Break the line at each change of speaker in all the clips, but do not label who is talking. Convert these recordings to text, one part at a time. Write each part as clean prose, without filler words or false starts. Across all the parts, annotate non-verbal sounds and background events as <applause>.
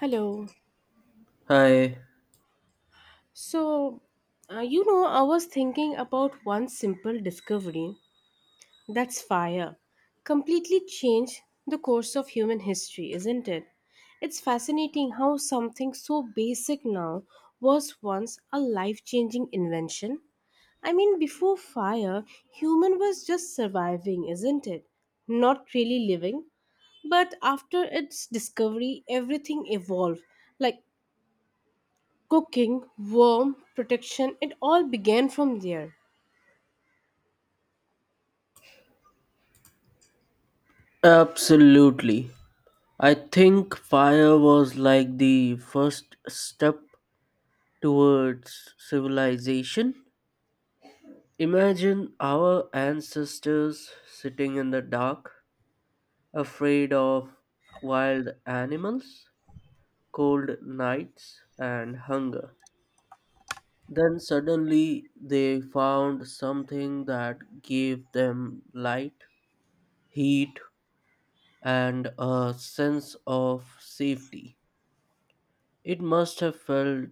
Hello.
Hi.
So I was thinking about one simple discovery that's fire. Completely changed the course of human history, isn't it? It's fascinating how something so basic now was once a life changing invention. I mean, before fire, human was just surviving, isn't it? Not really living. But after its discovery, everything evolved like cooking, warmth, protection, it all began from there.
Absolutely. I think fire was like the first step towards civilization. Imagine our ancestors sitting in the dark, afraid of wild animals, cold nights, and hunger. Then suddenly they found something that gave them light, heat, and a sense of safety. It must have felt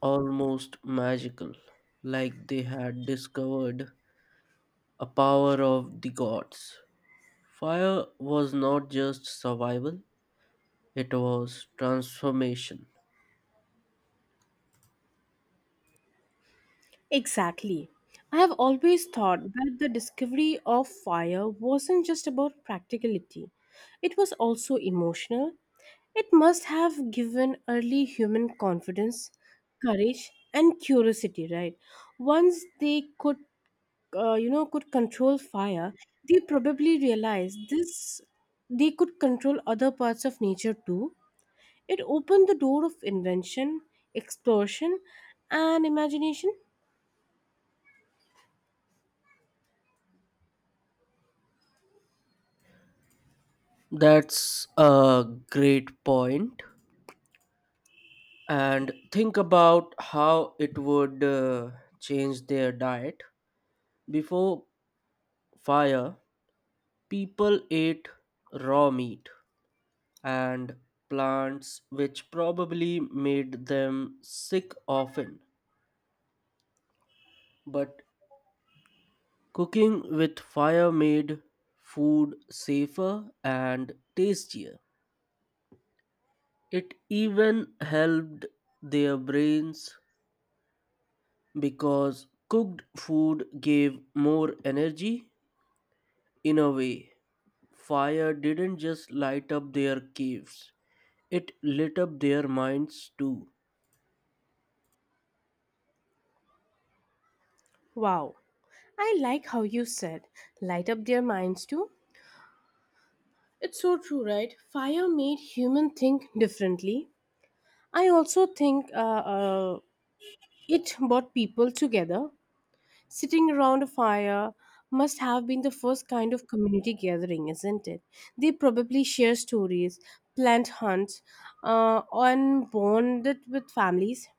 almost magical, like they had discovered a power of the gods. Fire was not just survival, it was transformation.
Exactly. I have always thought that the discovery of fire wasn't just about practicality, it was also emotional. It must have given early human confidence, courage, and curiosity, right? Once they could control fire, they probably realized this they could control other parts of nature too. It opened the door of invention, exploration, and imagination.
That's a great point. And think about how it would change their diet. Before fire, people ate raw meat, and plants, which probably made them sick often. But cooking with fire made food safer and tastier. It even helped their brains because cooked food gave more energy. In a way, fire didn't just light up their caves, it lit up their minds too.
Wow. I like how you said, light up their minds too. It's so true, right? Fire made human think differently. I also think uh, it brought people together. Sitting around a fire must have been the first kind of community gathering, isn't it? They probably share stories, plant hunts, and bonded with families.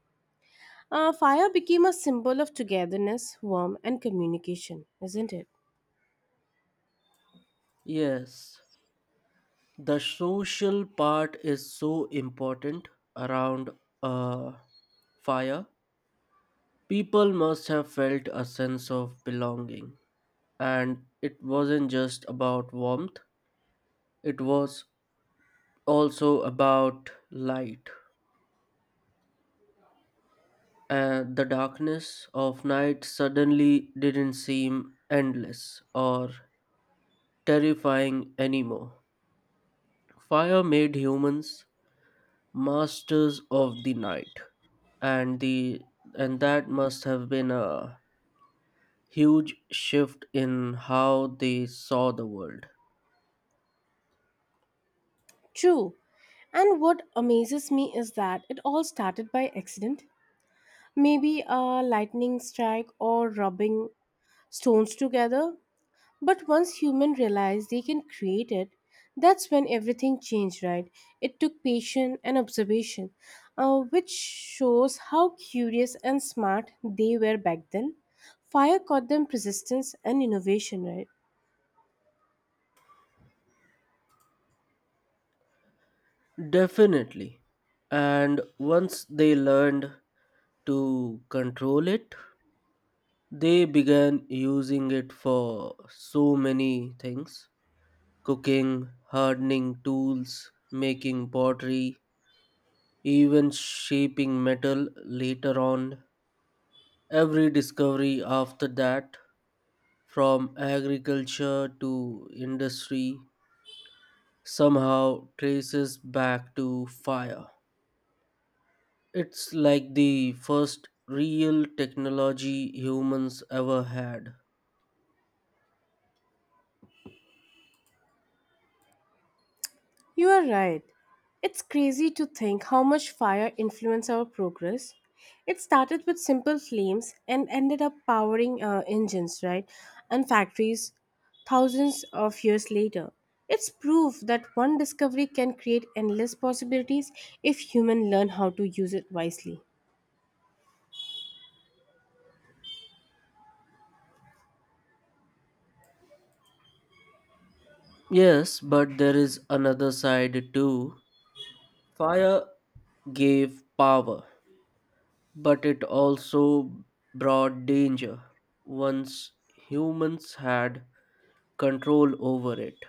Fire became a symbol of togetherness, warmth, and communication, isn't it?
Yes, the social part is so important around a fire. People must have felt a sense of belonging, and it wasn't just about warmth, it was also about light. And the darkness of night suddenly didn't seem endless or terrifying anymore. Fire made humans Masters of the Night, and the and that must have been a huge shift in how they saw the world.
True. And what amazes me is that it all started by accident. Maybe a lightning strike or rubbing stones together. But once humans realized they can create it, that's when everything changed, right? It took patience and observation, which shows how curious and smart they were back then. Fire caught them persistence and innovation, right?
Definitely. And once they learned to control it, they began using it for so many things: cooking, hardening tools, making pottery, even shaping metal later on. Every discovery after that, from agriculture to industry, somehow traces back to fire. It's like the first real technology humans ever had.
You are right. It's crazy to think how much fire influenced our progress. It started with simple flames and ended up powering engines, right? And factories thousands of years later. It's proof that one discovery can create endless possibilities if humans learn how to use it wisely.
Yes, but there is another side too. Fire gave power, but it also brought danger. Once humans had control over it,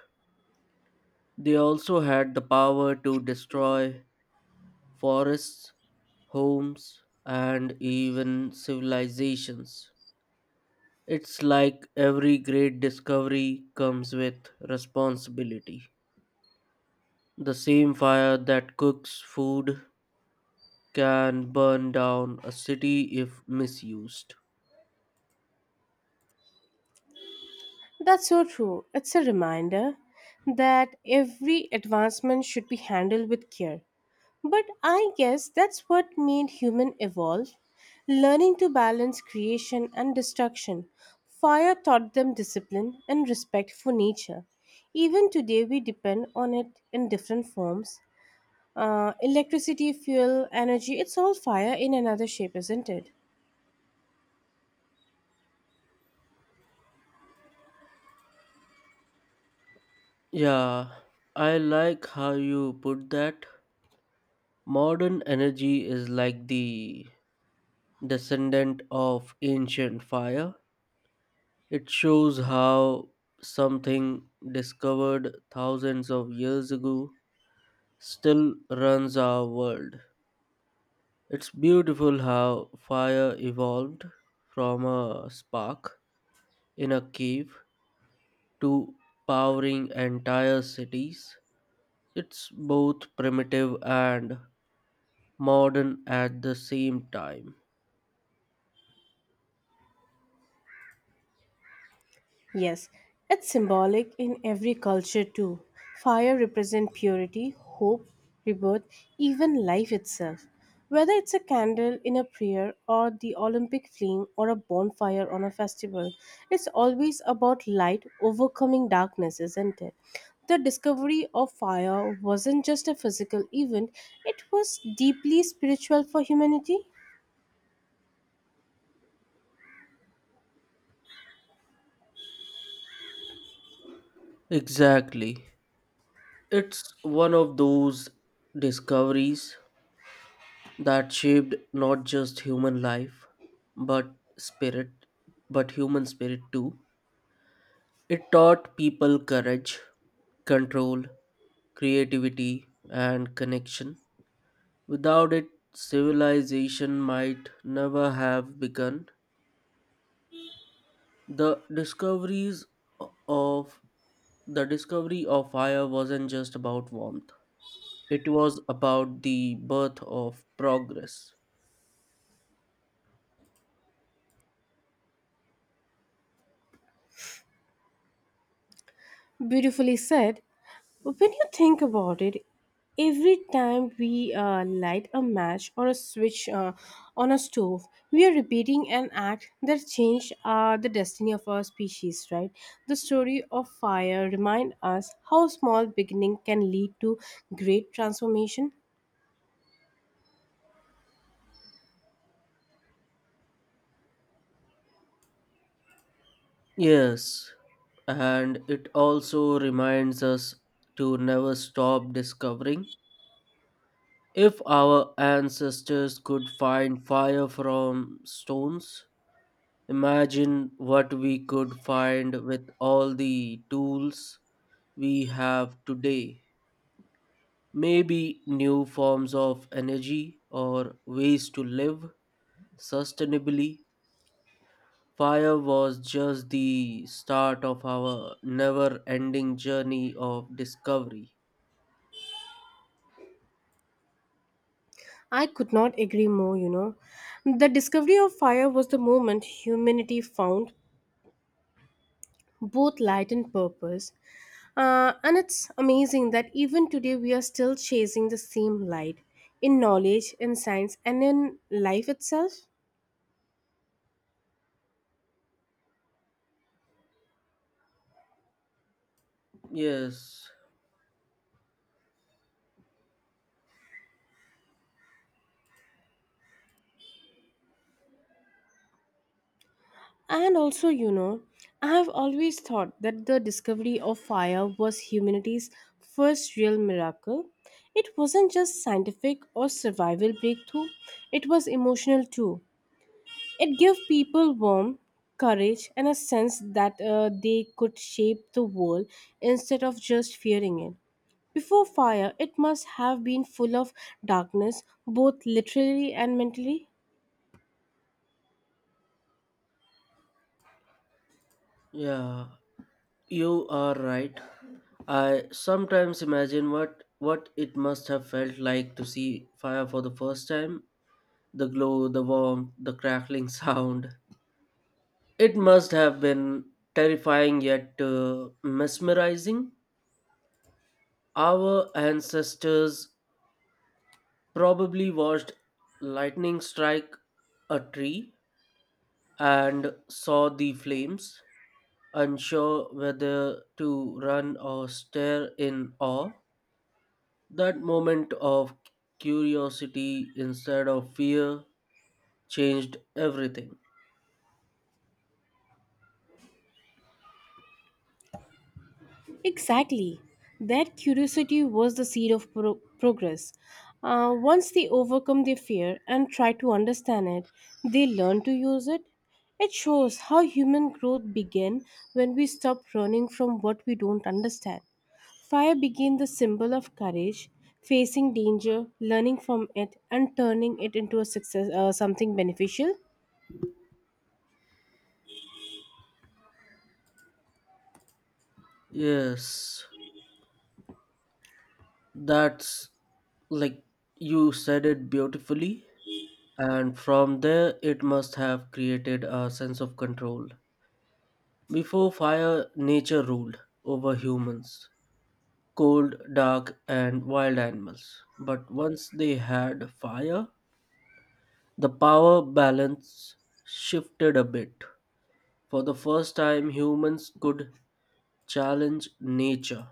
they also had the power to destroy forests, homes, and even civilizations. It's like every great discovery comes with responsibility. The same fire that cooks food can burn down a city if misused.
That's so true. It's a reminder that every advancement should be handled with care. But I guess that's what made human evolve, learning to balance creation and destruction. Fire taught them discipline and respect for nature. Even today, we depend on it in different forms. Electricity, fuel, energy, it's all fire in another shape, isn't it?
Yeah, I like how you put that. Modern energy is like the descendant of ancient fire. It shows how something discovered thousands of years ago still runs our world. It's beautiful how fire evolved from a spark in a cave to powering entire cities. It's both primitive and modern at the same time.
Yes, it's symbolic in every culture too. Fire represents purity, hope, rebirth, even life itself. Whether it's a candle in a prayer or the Olympic flame or a bonfire on a festival, it's always about light overcoming darkness, isn't it? The discovery of fire wasn't just a physical event, it was deeply spiritual for humanity.
Exactly. It's one of those discoveries that shaped not just human life but spirit but human spirit too. It taught people courage, control, creativity and connection. Without it, civilization might never have begun. The discoveries of the discovery of fire wasn't just about warmth, it was about the birth of progress.
Beautifully said. But when you think about it, every time we light a match or a switch on a stove, we are repeating an act that changed the destiny of our species, right? The story of fire reminds us how small beginning can lead to great transformation.
Yes, and it also reminds us to never stop discovering. If our ancestors could find fire from stones, imagine what we could find with all the tools we have today. Maybe new forms of energy or ways to live sustainably. Fire was just the start of our never ending journey of discovery.
I could not agree more, you know. The discovery of fire was the moment humanity found both light and purpose. And it's amazing that even today we are still chasing the same light in knowledge, in science, and in life itself.
Yes,
And also, you know, I have always thought that the discovery of fire was humanity's first real miracle. It wasn't just scientific or survival breakthrough, it was emotional too. It gave people warmth, courage, and a sense that they could shape the world instead of just fearing it. Before fire, it must have been full of darkness, both literally and mentally.
yeah, you are right. I sometimes imagine what it must have felt like to see fire for the first time. The glow, the warmth, the crackling <laughs> sound. It must have been terrifying yet mesmerizing. Our ancestors probably watched lightning strike a tree and saw the flames, unsure whether to run or stare in awe. That moment of curiosity instead of fear changed everything.
Exactly. That curiosity was the seed of progress. Once they overcome their fear and try to understand it, they learn to use it. It shows how human growth began when we stop running from what we don't understand. Fire became the symbol of courage, facing danger, learning from it, and turning it into a success, something beneficial.
Yes, that's, like, you said it beautifully. And from there, it must have created a sense of control. Before fire, nature ruled over humans: cold, dark, and wild animals. But once they had fire, the power balance shifted a bit. For the first time, humans could challenge nature.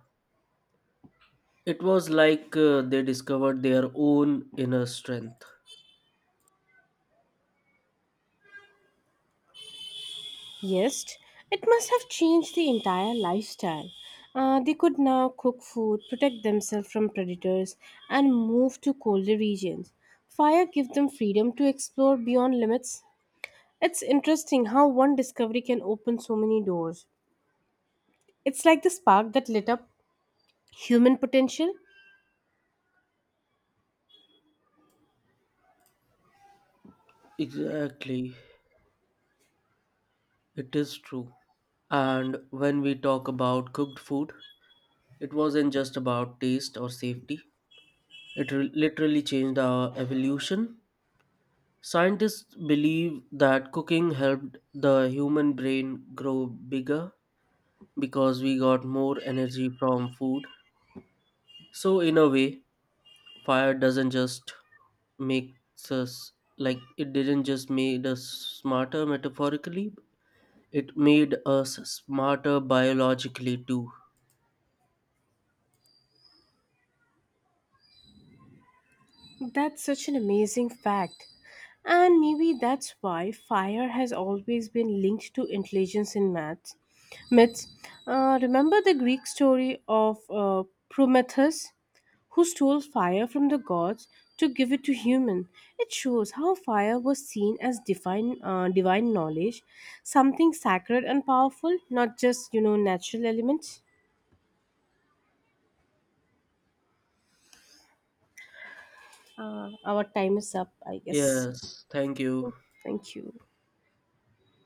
It was like they discovered their own inner strength.
Yes, it must have changed the entire lifestyle. They could now cook food, protect themselves from predators, and move to colder regions. Fire gave them freedom to explore beyond limits. It's interesting how one discovery can open so many doors. It's like the spark that lit up human potential.
Exactly, it is true. And when we talk about cooked food, it wasn't just about taste or safety. It literally changed our evolution. Scientists believe that cooking helped the human brain grow bigger because we got more energy from food. So, in a way, fire doesn't just make us like it didn't just made us smarter metaphorically, it made us smarter biologically too.
That's such an amazing fact. And maybe that's why fire has always been linked to intelligence in maths. myths. Remember the Greek story of Prometheus, who stole fire from the gods to give it to human. It shows how fire was seen as divine knowledge, something sacred and powerful, not just you know natural elements. Our time is up, I guess.
Yes, thank you.
Thank you.